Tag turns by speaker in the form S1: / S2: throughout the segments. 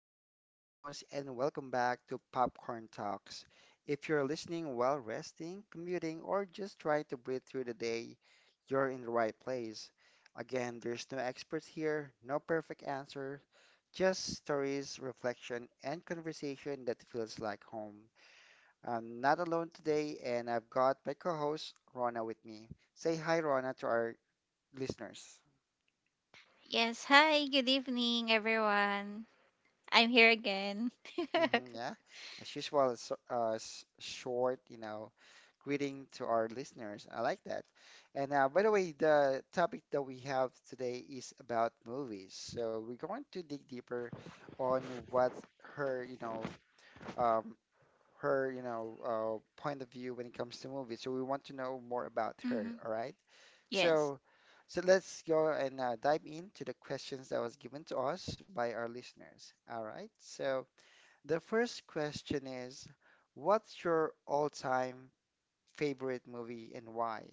S1: again, your host, and welcome back to Popcorn Talks. If you're listening while resting, commuting, or just trying to breathe through the day, you're in the right place. Again, there's no experts here, no perfect answer, just stories, reflection, and conversation that feels like home. I'm not alone today, and I've got my co host, Rona, with me. Say hi, Rona, to our listeners.
S2: Yes, hi, good evening, everyone. I'm here again.
S1: Yeah. As usual, it's short, you know, greeting to our listeners. I like that. And by the way, the topic that we have today is about movies. So we're going to dig deeper on what her, um, her, point of view when it comes to movies. So we want to know more about her.
S2: Hmm.
S1: All right.
S2: Yes.
S1: So, so let's go and dive into the questions that was given to us by our listeners. All right. So, the first question is, what's your all-time favorite movie and why?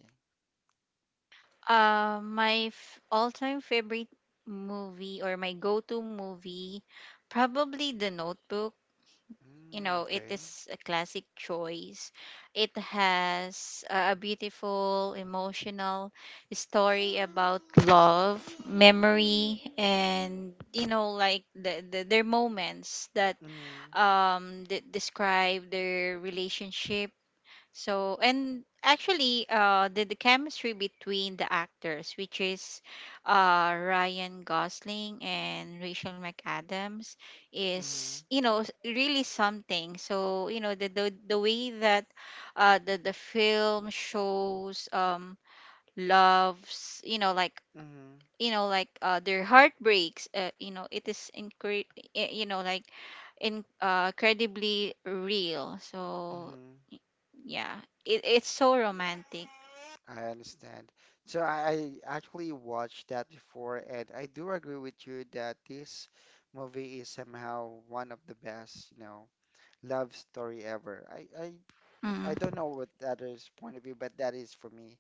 S2: All time favorite movie or my go to movie, probably The Notebook. You
S1: Mm,
S2: know, it
S1: okay.
S2: is a classic choice. It has a beautiful, emotional story about love, memory, and, like their moments that
S1: Mm-hmm.
S2: describe their relationship. So, and actually the chemistry between the actors, which is Ryan Gosling and Rachel McAdams,
S1: Mm-hmm.
S2: is really something. So, you know, the way that the film shows loves, you know, like,
S1: Mm-hmm.
S2: you know, like their heartbreaks, you know, it is you know, like incredibly real. So
S1: Mm-hmm.
S2: y- yeah, it's so romantic.
S1: I understand. So I actually watched that before, and I do agree with you that this movie is somehow one of the best, you know, love story ever. I don't
S2: Mm.
S1: know what the others' point of view, but that is for me,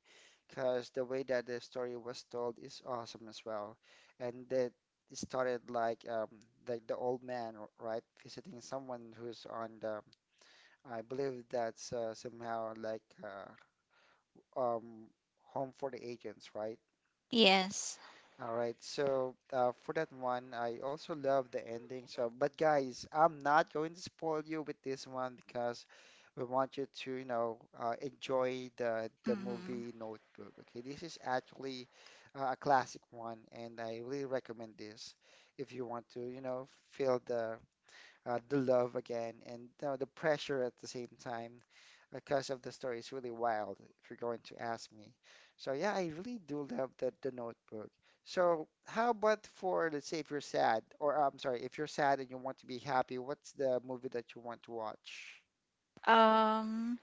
S1: because the way that the story was told is awesome as well, and that it started like the old man right, visiting someone who's on the, I believe that's somehow like um home for the agents, right?
S2: Yes.
S1: All right, so for that one, I also love the ending. So, but guys, I'm not going to spoil you with this one because we want you to, you know, enjoy the
S2: Hmm.
S1: movie Notebook. Okay, this is actually a classic one, and I really recommend this if you want to, you know, feel the love again, and you know, the pressure at the same time because of the story is really wild, if you're going to ask me. So yeah, I really do love the notebook. So how about for, let's say if you're sad, or I'm sorry, if you're sad and you want to be happy, what's the movie that you want to watch?
S2: um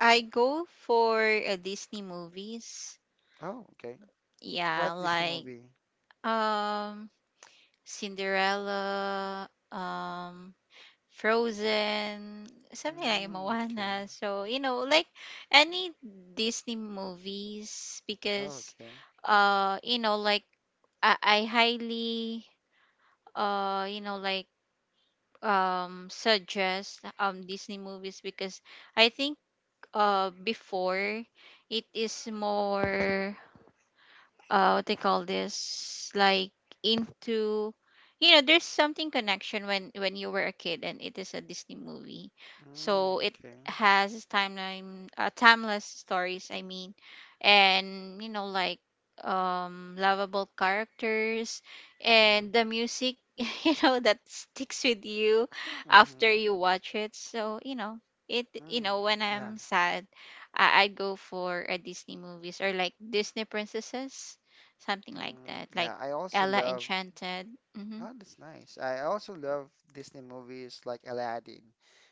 S2: I go for Disney movies.
S1: Oh, okay.
S2: Yeah,
S1: What Disney
S2: like,
S1: movie?
S2: um Cinderella, Frozen, something like
S1: Mm, okay.
S2: Moana. So, you know, like any Disney movies
S1: Oh,
S2: because
S1: okay.
S2: you know, like I highly you know, like suggest Disney movies because I think before it is more what they call this, like, into, you know, there's something connection when you were a kid and it is a Disney movie. So
S1: Mm,
S2: it
S1: okay.
S2: has timeline timeless stories, I mean. And you know, like, lovable characters
S1: Mm-hmm.
S2: and the music you know that sticks with you after
S1: Mm-hmm.
S2: you watch it. So you know, it, you
S1: Mm,
S2: know, when
S1: yeah.
S2: I'm sad, I go for a Disney movies or like Disney princesses, something like
S1: Mm,
S2: that, like
S1: yeah. I also
S2: Ella
S1: love.
S2: Enchanted. Hmm.
S1: Oh, that's nice. I also love Disney movies like Aladdin.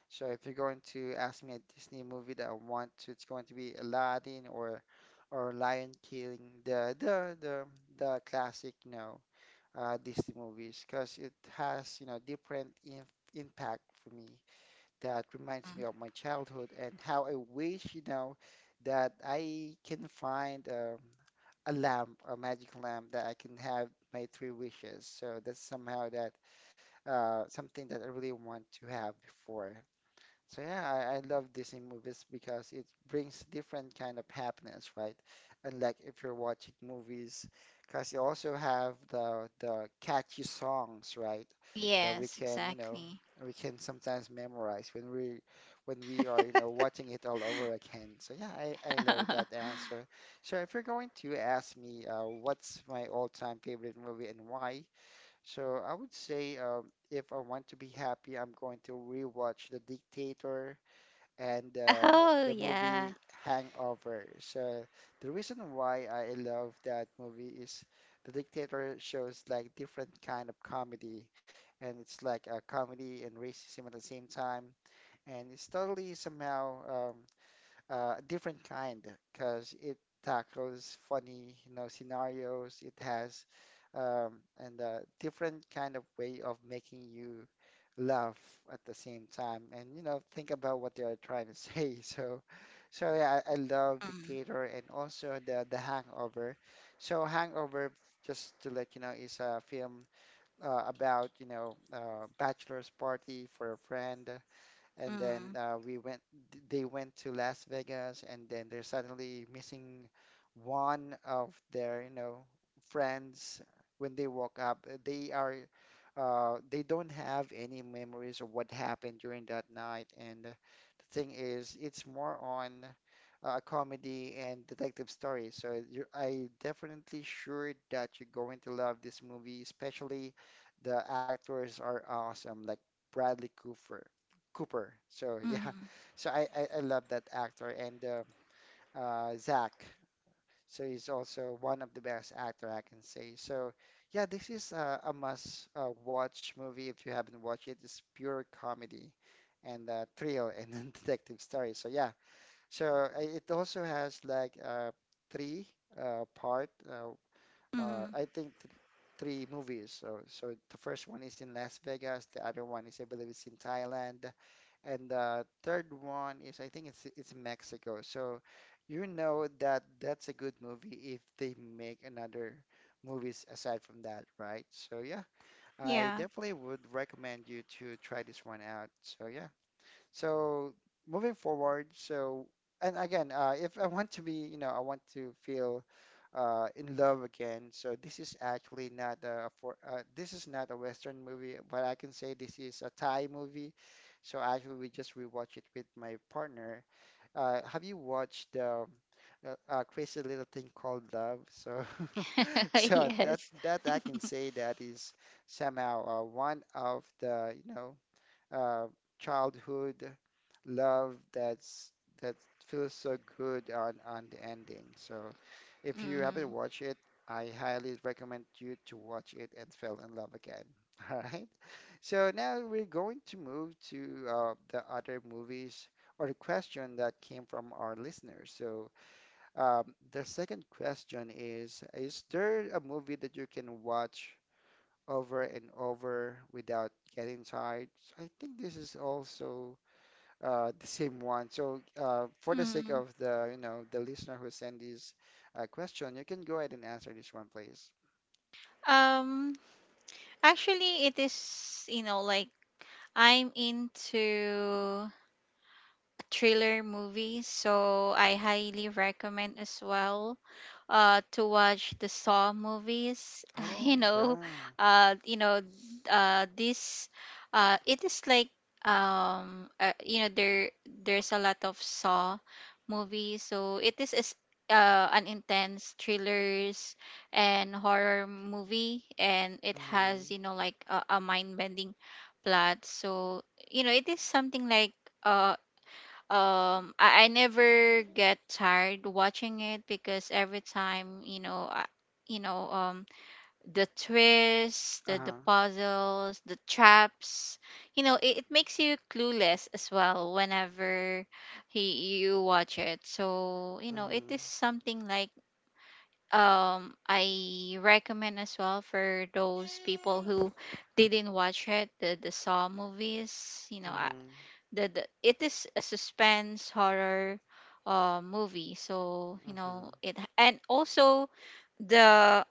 S1: So if you're going to ask me a Disney movie that I want to, it's going to be Aladdin or Lion King, the the the the classic, you know, Disney movies, because it has, you know, different in impact for me that reminds me of my childhood and how I wish, you know, that I can find a lamp, a magic lamp that I can have my three wishes. So that's somehow that something that I really want to have before. So yeah, I love Disney movies because it brings different kind of happiness, right? Unlike if you're watching movies, because you also have the catchy songs, right? That we
S2: Yes,
S1: can, you know,
S2: exactly.
S1: we can sometimes memorize when we are, you know, watching it all over again. So yeah, I love that answer. So if you're going to ask me, what's my all-time favorite movie and why? So I would say if I want to be happy, I'm going to rewatch The Dictator and
S2: Oh
S1: the
S2: yeah.
S1: movie Hangover. So the reason why I love that movie is The Dictator shows like different kind of comedy, and it's like a comedy and racism at the same time, and it's totally somehow um, a different kind because it tackles funny, you know, scenarios. It has and a different kind of way of making you laugh at the same time, and you know, think about what they are trying to say. So yeah, I love
S2: Mm,
S1: Dictator and also the Hangover. So Hangover, just to let you know, is a film about you know bachelor's party for a friend and
S2: mm,
S1: then we went they went to Las Vegas and then they're suddenly missing one of their you know friends when they woke up. They are they don't have any memories of what happened during that night, and the thing is it's more on a comedy and detective story. So you, I definitely sure that you're going to love this movie, especially the actors are awesome like Bradley Cooper. So yeah,
S2: mm,
S1: so I love that actor and Zach. So he's also one of the best actor I can say. So yeah, this is a must watch movie if you haven't watched it. It's pure comedy and thrill and then detective story. So yeah, so it also has like three part.
S2: mm.
S1: I think th three movies. So the first one is in Las Vegas. The other one is, I believe, it's in Thailand, and the third one is, I think, it's Mexico. So you know, that that's a good movie if they make another movies aside from that, right? So yeah, I
S2: Yeah.
S1: definitely would recommend you to try this one out. So yeah. So moving forward, so and again, if I want to be, you know, I want to feel in love again. So this is actually not a for this is not a Western movie, but I can say this is a Thai movie. So actually, we just rewatched it with my partner. Have you watched the crazy little thing called love? So so that
S2: Yes.
S1: that I can say that is somehow one of the you know uh, childhood love that's that feels so good on the ending. So if you haven't
S2: Mm,
S1: watched it, I highly recommend you to watch it and fall in love again. All right. So now we're going to move to the other movies or the question that came from our listeners. So the second question is there a movie that you can watch over and over without getting tired? So I think this is also the same one. So for the sake
S2: mm.
S1: of the you know the listener who sent this question, you can go ahead and answer this one, please.
S2: Um. Actually, it is. You know, like I'm into thriller movie, so I highly recommend as well to watch the Saw movies. You
S1: Oh
S2: know,
S1: yeah.
S2: you know this it is like you know, there there's a lot of Saw movies, so it is an intense thrillers and horror movie, and it has,
S1: Mm-hmm.
S2: you know, like a mind-bending plot. So you know it is something like uh, I never get tired watching it, because every time, you know, you know, the twists, the
S1: Uh-huh.
S2: puzzles, the traps, you know, it makes you clueless as well whenever he you watch it. So you know it is
S1: Mm-hmm.
S2: something like I recommend as well for those people who didn't watch it, the Saw movies, you know,
S1: Mm-hmm.
S2: the it is a suspense horror movie. So you know it, and also the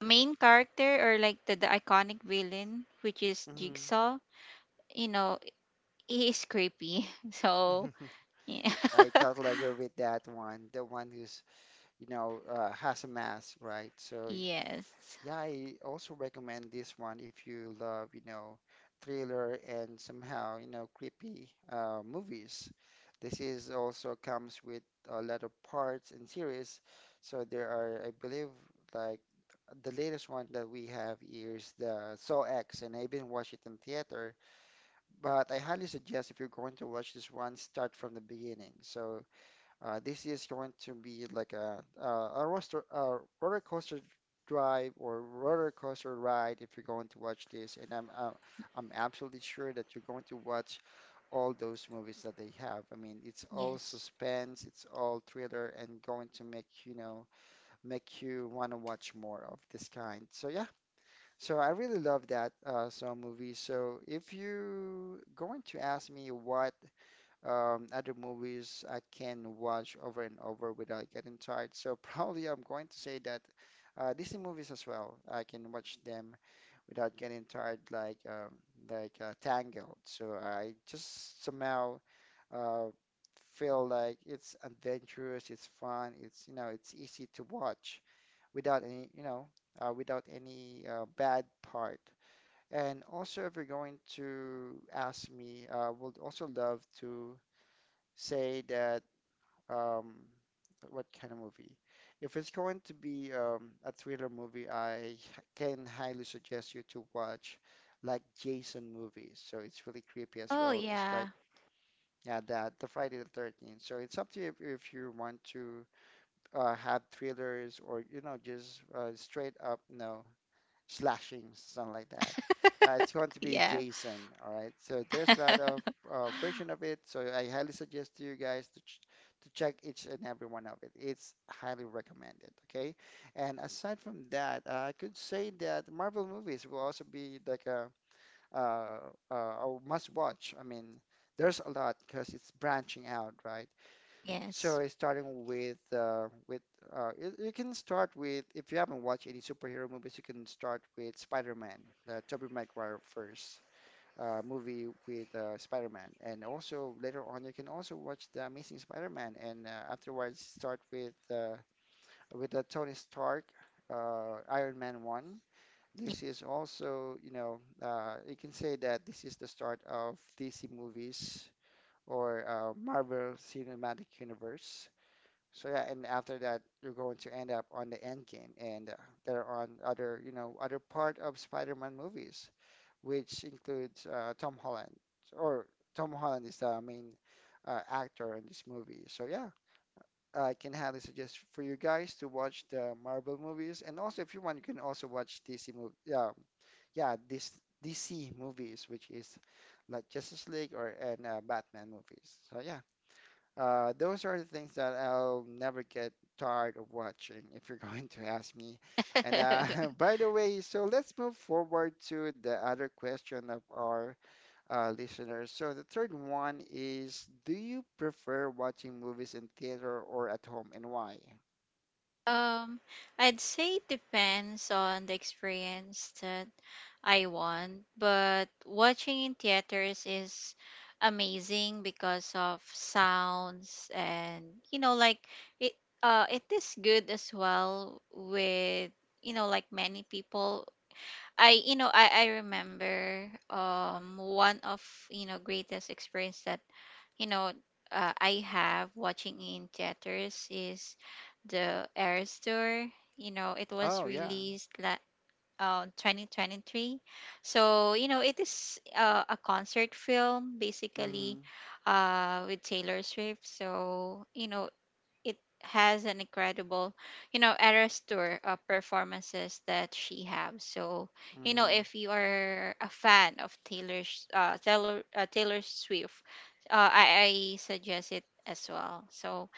S2: main character, or like the iconic villain which is
S1: Mm-hmm.
S2: Jigsaw, you know he is creepy. So
S1: Mm-hmm.
S2: yeah.
S1: I totally agree with that one. The one who's, you know, has a mask, right? So
S2: Yes.
S1: yeah, I also recommend this one if you love, you know, thriller and somehow, you know, creepy movies. This is also comes with a lot of parts and series. So there are, I believe, like the latest one that we have is the Saw X, and I even watched it in theater. But I highly suggest if you're going to watch this one, start from the beginning. So this is going to be like a roster, a roller coaster drive or roller coaster ride if you're going to watch this. And I'm absolutely sure that you're going to watch all those movies that they have. I mean, it's all
S2: Yes.
S1: suspense, it's all thriller, and going to make you want to watch more of this kind. So yeah, so I really love that Saw movie. So if you going to ask me what other movies I can watch over and over without getting tired. So probably I'm going to say that Disney movies as well. I can watch them without getting tired, like Tangled. So I just somehow uh, feel like it's adventurous, it's fun, it's you know, it's easy to watch without any you know, without any bad part. And also, if you're going to ask me, I would also love to say that um, what kind of movie? If it's going to be a thriller movie, can highly suggest you to watch like Jason movies. So it's really creepy as
S2: Oh
S1: well, just like
S2: yeah.
S1: yeah, that the Friday the 13th. So it's up to you if you want to have thrillers or you know just straight up no slashing, something like that. It's going to be
S2: Yeah.
S1: JSON, all right? So there's a lot of version of it. So I highly suggest to you guys to check each and every one of it. It's highly recommended, okay? And aside from that, I could say that Marvel movies will also be like uh, a must watch. I mean, there's a lot because it's branching out, right? So
S2: Yes.
S1: it's starting with you can start with if you haven't watched any superhero movies. You can start with Spider-Man, the Tobey Maguire first movie with Spider-Man, and also later on you can also watch the Amazing Spider-Man, and afterwards start with with the Tony Stark, Iron Man one. This is also you can say that this is the start of DC movies or Marvel Cinematic Universe. So yeah, and after that, you're going to end up on the end game, and there are on other, you know, other part of Spider-Man movies, which includes Tom Holland, or Tom Holland is the main actor in this movie. So yeah, I can highly suggest for you guys to watch the Marvel movies, and also if you want, you can also watch DC movie. Yeah, yeah, this DC movies, which is like Justice League or and Batman movies. So yeah, those are the things that I'll never get tired of watching, if you're going to ask me. And by the way, so let's move forward to the other question of our listeners. So the third one is, do you prefer watching movies in theater or at home, and why?
S2: Um, I'd say it depends on the experience that I want, but watching in theaters is amazing because of sounds, and you know, like, it, it is good as well with, you know, like many people. I you know, I remember one of, you know, greatest experience that, you know, I have watching in theaters is the Eras Tour. You know, it was
S1: Oh yeah.
S2: released 2023. So, you know, it is a concert film, basically,
S1: Mm-hmm.
S2: with Taylor Swift. So, you know, it has an incredible, you know, Eras Tour performances that she have. So you know,
S1: Mm-hmm.
S2: if you are a fan of Taylor Swift, I suggest it as well. So,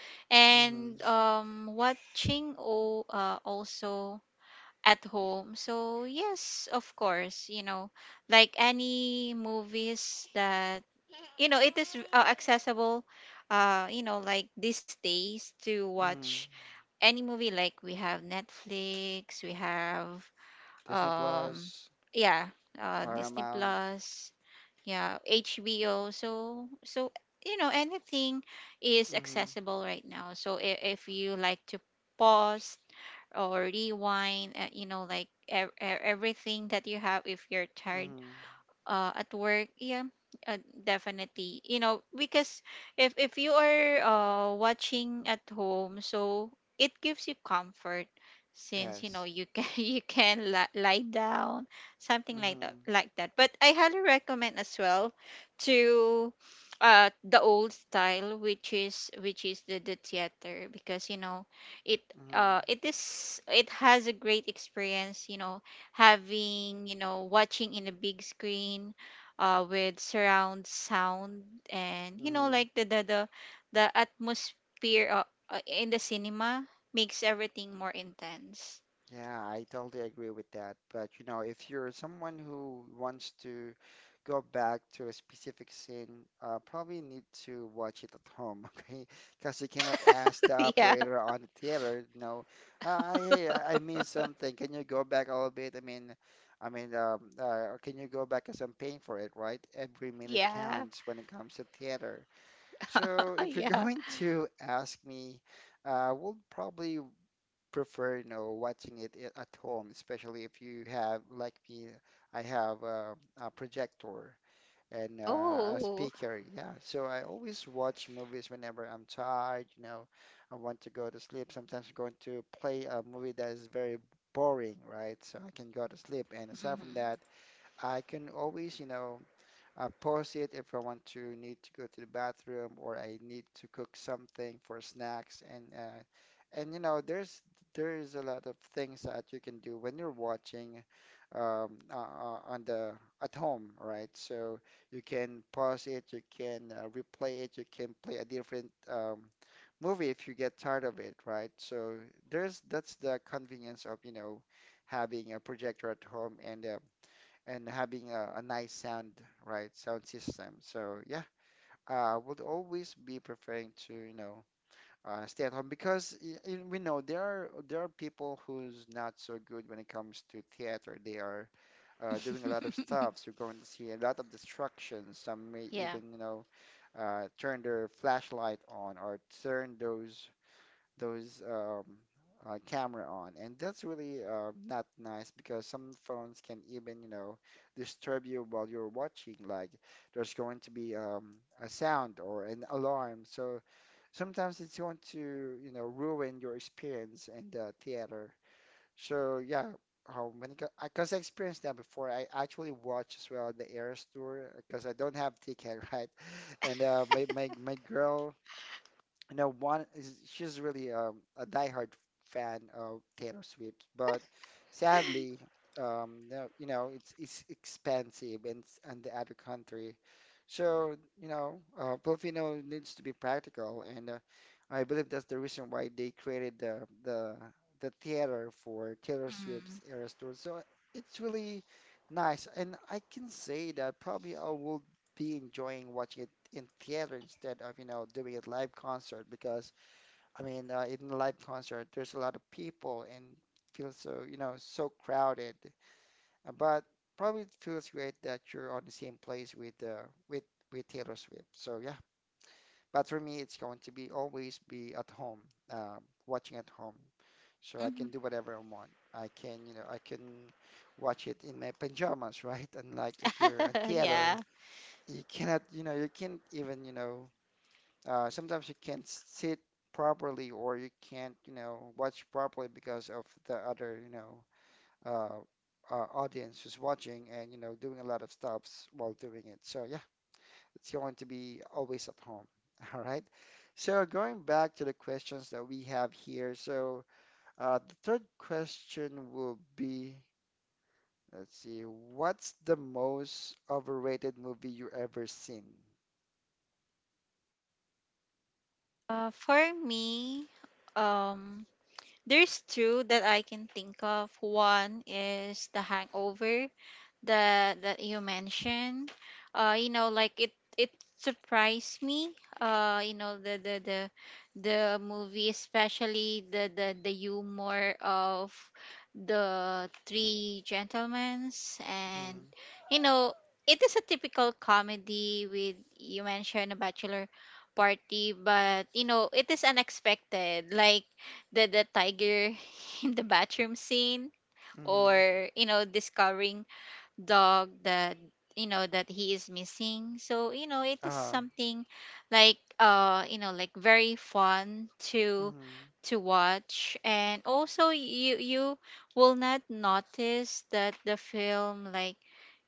S1: Mm-hmm.
S2: and watching also at home. So yes, of course, you know, like any movies that, you know, it is accessible you know, like these days, to
S1: Mm-hmm.
S2: watch any movie. Like, we have Netflix, we have
S1: Disney
S2: um
S1: Plus,
S2: yeah, Disney
S1: Paramount.
S2: Plus, yeah, HBO. So you know anything is
S1: Mm-hmm.
S2: accessible right now. So if you like to pause or rewind, you know, like everything that you have, if you're tired
S1: Mm-hmm.
S2: at work, yeah, uh, definitely, you know, because if you are watching at home, so it gives you comfort since you know
S1: Yes.
S2: you can you can lie down, something like
S1: Mm-hmm.
S2: that, like that. But I highly recommend as well to the old style, which is the theater, because you know it,
S1: Mm-hmm.
S2: it is, it has a great experience, you know, having, you know, watching in a big screen, with surround sound, and you know,
S1: Mm-hmm.
S2: like the atmosphere, in the cinema, makes everything more intense.
S1: Yeah, I totally agree with that. But you know, if you're someone who wants to go back to a specific scene, probably need to watch it at home, okay? Because you cannot ask the
S2: Yeah.
S1: operator on the theater, you know, hey, I missed something. Can you go back a little bit? Can you go back? Because I'm paying for it, right? Every minute
S2: Yeah.
S1: counts when it comes to theater. So if you're
S2: Yeah.
S1: going to ask me, we'll probably prefer, you know, watching at home, especially if you have, like me, I have a projector and a
S2: Oh.
S1: speaker. Yeah, so I always watch movies whenever I'm tired, you know, I want to go to sleep. Sometimes I'm going to play a movie that is very boring, right? So I can go to sleep. And aside from
S2: Mhm.
S1: that, I can always, you know, I pause it if I want to need to go to the bathroom or I need to cook something for snacks and you know there is a lot of things that you can do when you're watching on the at home, right? So you can pause it, you can replay it, you can play a different movie if you get tired of it, right? So there's that's the convenience of you know having a projector at home and and having a nice sound, right, sound system. So yeah, I would always be preferring to, you know, stay at home because we know there are people who's not so good when it comes to theater. They are doing a lot of stuff. So you're going to see a lot of distractions. Some may
S2: Yeah.
S1: even, you know, turn their flashlight on or turn those camera on, and that's really not nice because some phones can even you know disturb you while you're watching. Like there's going to be a sound or an alarm, so sometimes it's going to you know ruin your experience in the theater. So yeah. How many? Because I experienced that before. I actually watched as well the Eras tour because I don't have ticket, right? And my girl you know, one is she's really a diehard fan of Taylor Swift, but sadly, no, you know, it's expensive in the other country. So, you know, Filipino needs to be practical, and I believe that's the reason why they created the theater for Taylor Swift's
S2: Mhm.
S1: Eras tour. So it's really nice, and I can say that probably I will be enjoying watching it in theater instead of you know doing a live concert because I mean in a live concert there's a lot of people and feels so you know so crowded. But probably it feels great that you're on the same place with with Taylor Swift. So yeah, but for me it's going to be always be at home, uh, watching at home. So I can do
S2: Mhm.
S1: whatever I want. I can watch it in my pajamas, right? And like if you're in theater
S2: Yeah.
S1: you cannot you know you can't even you know sometimes you can't sit properly or you can't, you know, watch properly because of the other, you know, audience who's watching and, you know, doing a lot of stops while doing it. So yeah, it's going to be always at home. All right. So going back to the questions that we have here. So the third question will be, let's see, what's the most overrated movie you ever seen?
S2: For me, um, there's two that I can think of. One is the Hangover that you mentioned. You know, like it surprised me. You know, the movie, especially the humor of the three gentlemen's,
S1: Mm-hmm.
S2: and you know it is a typical comedy with, you mentioned, a bachelor party, but you know it is unexpected, like the tiger in the bathroom scene,
S1: Mm-hmm.
S2: or you know discovering dog that, you know, that he is missing. So you know it is
S1: Uh,
S2: something like you know, like very fun to
S1: mm-hmm.
S2: to watch. And also you will not notice that the film, like,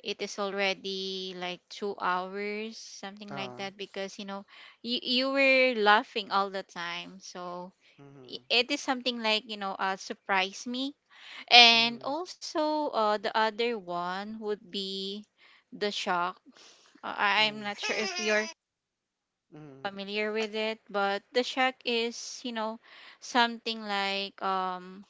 S2: it is already like 2 hours, something like
S1: Uh,
S2: that, because you know you were laughing all the time. So
S1: Mm-hmm.
S2: it is something like, you know, surprise me. And
S1: Mm-hmm.
S2: also, the other one would be the shock. I'm
S1: Mm-hmm.
S2: not sure if you're
S1: Mm-hmm.
S2: familiar with it, but the shock is, you know, something like, um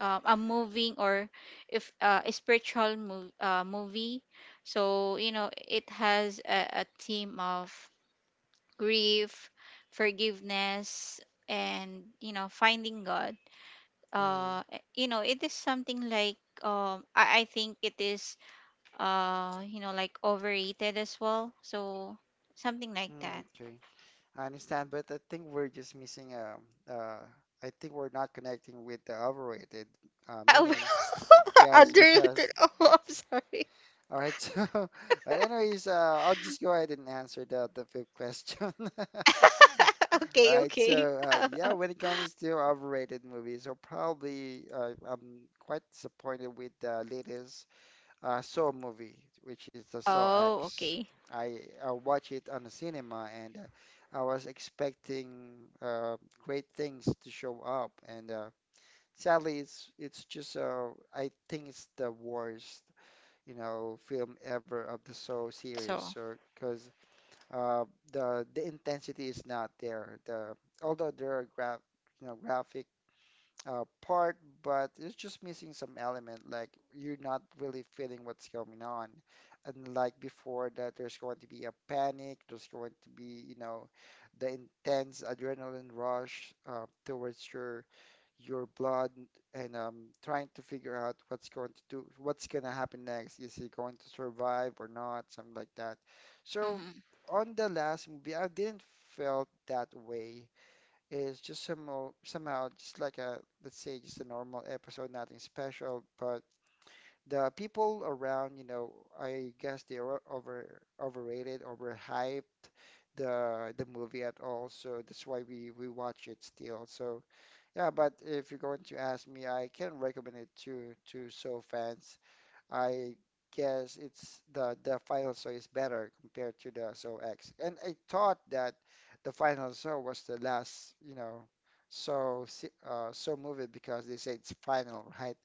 S2: uh, a moving, or if a spiritual movie. So you know it has a theme of grief, forgiveness, and you know, finding God,
S1: Mm-hmm.
S2: you know it is something like I think it is you know, like overrated as well, so, something like
S1: Mm-hmm.
S2: that.
S1: Okay. I understand, but I think we're just missing uh I think we're not connecting with the overrated
S2: Uh,
S1: meaning. Yes, because
S2: underrated. Oh, I'm sorry.
S1: all right, so but anyways, I'll just go ahead and answer the fifth question. All
S2: Okay,
S1: right,
S2: okay.
S1: so yeah, when it comes to overrated movies, so probably I'm quite disappointed with the latest Saw movie, which is the Saw
S2: Oh,
S1: X.
S2: okay.
S1: I watched it on the cinema and I was expecting uh, great things to show up, and sadly, it's just I think it's the worst you know film ever of the Saw series.
S2: So
S1: So because uh, the intensity is not there. The although there are graph you know graphic part, but it's just missing some element. Like you're not really feeling what's going on. And like before that, there's going to be a panic. There's going to be, you know, the intense adrenaline rush towards your blood and trying to figure out what's going to do, what's going to happen next. Is he going to survive or not? Something like that. So
S2: mhm,
S1: on the last movie, I didn't felt that way. Is just somehow just like a let's say just a normal episode, nothing special, but the people around, you know, I guess they were overrated, overhyped the movie at all, so that's why we watch it still. So yeah, but if you're going to ask me, I can recommend it to so fans. I guess it's the final saw is better compared to the saw X. And I thought that the final saw was the last, you know, saw movie because they say it's final, right?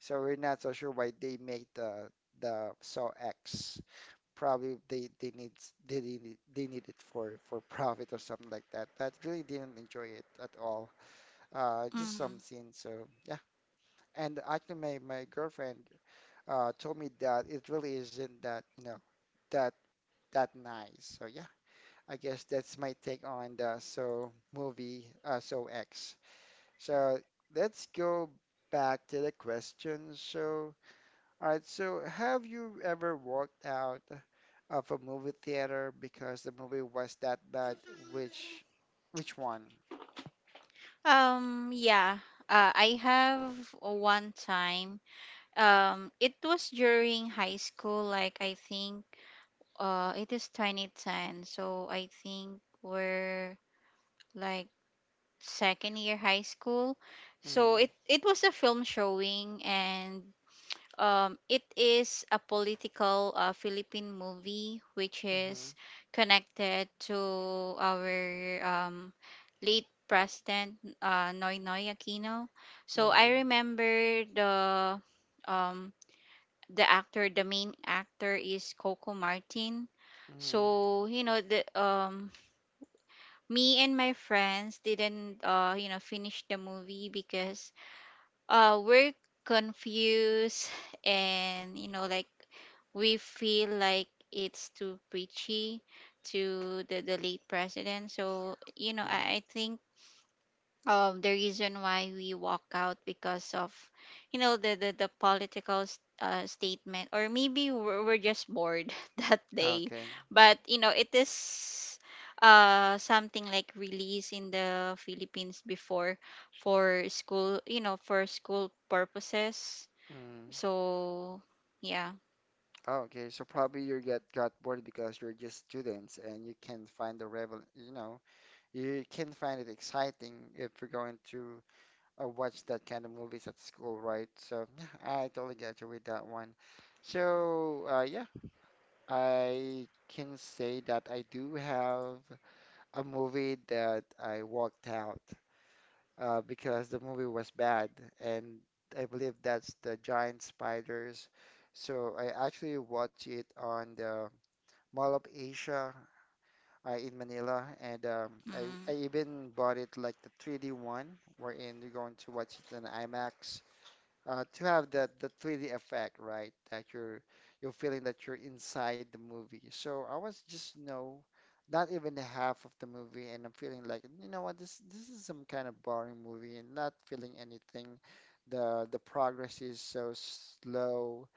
S1: So we're not so sure why they made the saw X. Probably they need it for profit or something like that. But really didn't enjoy it at all. Just
S2: mhm.
S1: some scenes. So yeah. And actually, my girlfriend told me that it really isn't that, you know, that that nice. So yeah, I guess that's my take on the So movie, So X. So let's go back to the question. So, all right, so have you ever walked out of a movie theater because the movie was that bad? Which which one?
S2: Yeah, I have one time. It was during high school, like I think it is 2010, so I think we're like second year high school. So
S1: Mm-hmm,
S2: it was a film showing, and it is a political Philippine movie which
S1: mm-hmm,
S2: is connected to our um, late president Noynoy Aquino. So
S1: mm-hmm,
S2: I remember um, the actor, the main actor is Coco Martin.
S1: mm-hmm.
S2: So you know the me and my friends didn't you know finish the movie because we're confused and you know, like, we feel like it's too preachy to the late president. So you know I think the reason why we walk out because of, you know, the political statement, or maybe we're just bored that day.
S1: Okay.
S2: But you know it is something like release in the Philippines before, for school, you know, for school purposes.
S1: Mm.
S2: So yeah.
S1: Oh, okay. So probably you get got bored because you're just students and you can find the revel, you know, you can find it exciting if you're going to watch that kind of movies at school, right? So yeah, I totally get you with that one. So yeah, I can say that I do have a movie that I walked out because the movie was bad, and I believe that's the Giant Spiders. So I actually watch it on the Mall of Asia in Manila, and I
S2: Mm.
S1: even bought it like the 3D one, wherein you're going to watch it in IMAX to have that the 3D effect, right? That you're feeling that you're inside the movie. So I was just no, not even the half of the movie, and I'm feeling like you know what this is some kind of boring movie, and not feeling anything. The progress is so slow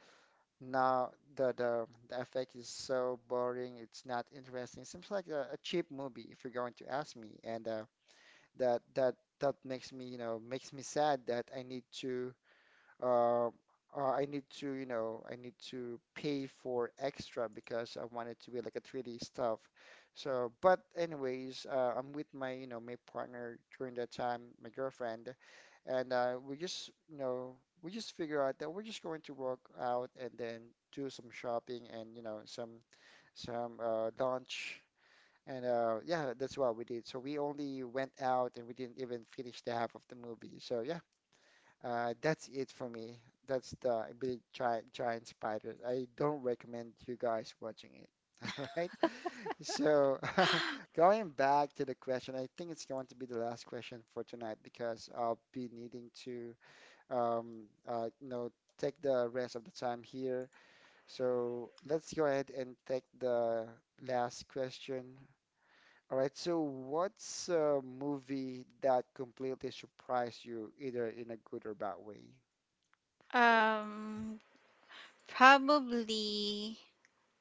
S1: now the effect is so boring. It's not interesting. Seems like a cheap movie if you're going to ask me, and that makes me you know makes me sad that um, I need to, you know, I need to pay for extra because I want it to be like a 3D stuff. So, but anyways, I'm with my, you know, my partner during that time, my girlfriend, and we just, you know, we just figure out that we're just going to walk out and then do some shopping and, you know, some lunch. And yeah, that's what we did. So we only went out and we didn't even finish the half of the movie. So yeah, that's it for me. That's the big giant spider. I don't recommend you guys watching it. All right. So going back to the question, I think it's going to be the last question for tonight because I'll be needing to um uh you know take the rest of the time here. So let's go ahead and take the last question. All right, so what's a movie that completely surprised you, either in a good or bad way?
S2: um probably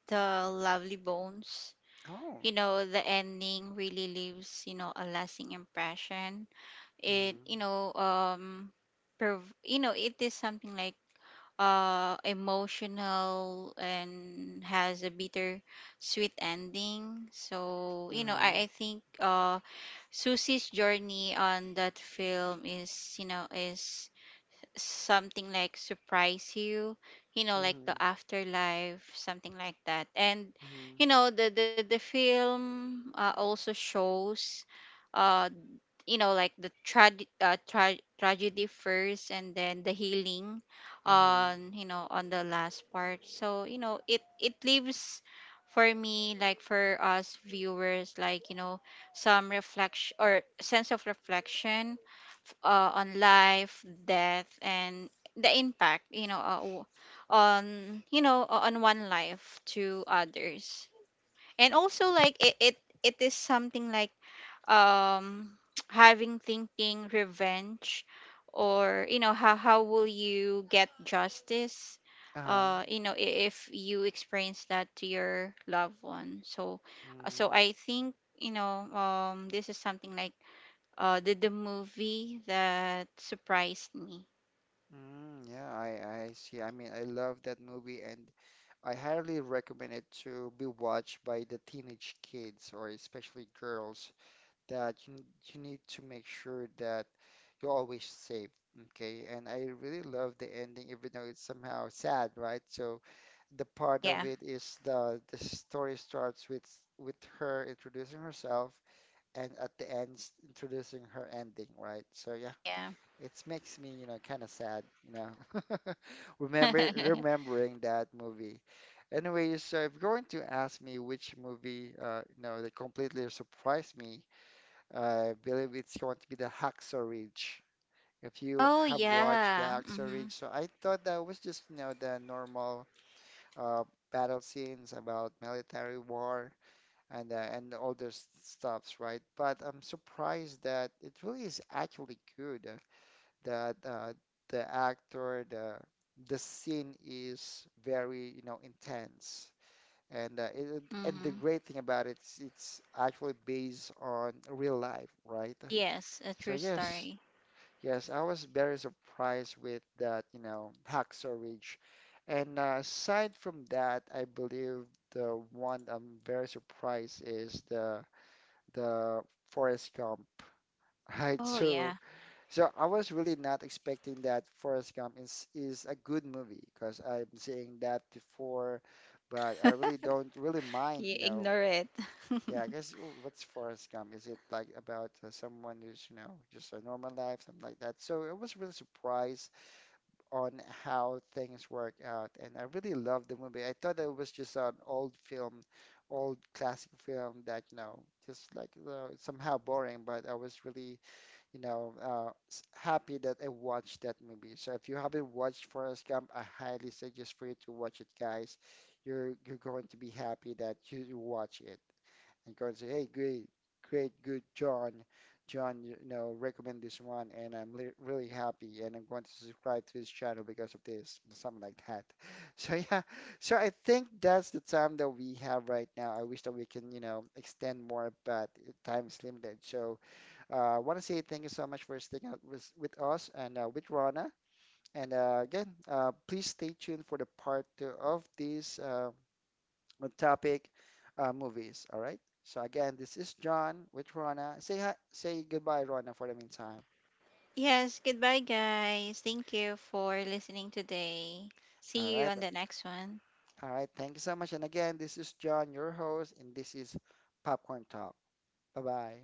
S2: the Lovely Bones.
S1: Oh.
S2: You know, the ending really leaves, you know, a lasting impression. It,
S1: Mhm.
S2: you know, you know it is something like emotional and has a bitter sweet ending. So you know I
S1: Mhm.
S2: think Susie's journey on that film is, you know, is something like surprise you, you know, like the
S1: Mhm.
S2: afterlife, something like that. And
S1: Mhm.
S2: you know the film, also shows uh you know, like the tragedy first and then the healing
S1: Mhm.
S2: on, you know, on the last part. So you know it leaves for me, like for us viewers, like, you know, some reflection or sense of reflection on life, death, and the impact, you know, on, you know, on one life to others. And also, like it is something like um having thinking revenge, or you know how will you get justice,
S1: Uh-huh.
S2: you know, if you experience that to your loved one. So so
S1: Mhm.
S2: I think, you know, this is something like the movie that surprised me.
S1: Mm, yeah, I see. I mean, I love that movie, and I highly recommend it to be watched by the teenage kids, or especially girls, that you need to make sure that you're always safe. Okay, and I really love the ending, even though it's somehow sad, right? So the part
S2: Yeah.
S1: of it is the story starts with her introducing herself and at the end introducing her ending, right? So yeah,
S2: Yeah.
S1: it makes me, you know, kind of sad, you know, remembering that movie. Anyways, so if you're going to ask me which movie, you know, that completely surprised me, I believe it's going to be the Hacksaw Ridge. If you
S2: Oh
S1: have watched the
S2: yeah.
S1: Hacksaw
S2: Mhm.
S1: Ridge, so I thought that was just, you know, the normal uh, battle scenes about military war, and and all those stuffs, right? But I'm surprised that it really is actually good, that the actor, the scene is very, you know, intense. And the
S2: Mhm.
S1: great thing about it is it's actually based on real life, right?
S2: Yes, a
S1: So
S2: true
S1: yes,
S2: story.
S1: yes, I was very surprised with that, you know, Hacksaw Ridge. And aside from that, I believe the one I'm very surprised is the Forrest Gump, right?
S2: Oh
S1: So,
S2: yeah.
S1: so I was really not expecting that Forrest Gump is a good movie because I'm seeing that before, but I really don't really mind,
S2: You
S1: you know.
S2: ignore it.
S1: Yeah, I guess what's Forrest Gump? Is it like about someone who's, you know, just a normal life, something like that? So I was really surprised on how things work out. And I really loved the movie. I thought it was just an old film, old classic film that, you know, just like somehow boring, but I was really, you know, happy that I watched that movie. So if you haven't watched Forrest Gump, I highly suggest for you to watch it, guys. You're going to be happy that you watch it and go and say, "Hey, great, great, good, John. John, you know, recommend this one, and I'm really happy, and I'm going to subscribe to his channel because of this," something like that. So yeah, so I think that's the time that we have right now. I wish that we can, you know, extend more, but time is limited. So I want to say thank you so much for sticking out with us and with Rana. And again, please stay tuned for the part two of this. On topic movies. All right. So again, this is John with Rona. Say hi, say goodbye, Rona, for the meantime.
S2: Yes, goodbye, guys. Thank you for listening today.
S1: All
S2: See you
S1: right.
S2: on the next one.
S1: All right. Thank you so much. And again, this is John, your host, and this is Popcorn Talk. Bye bye.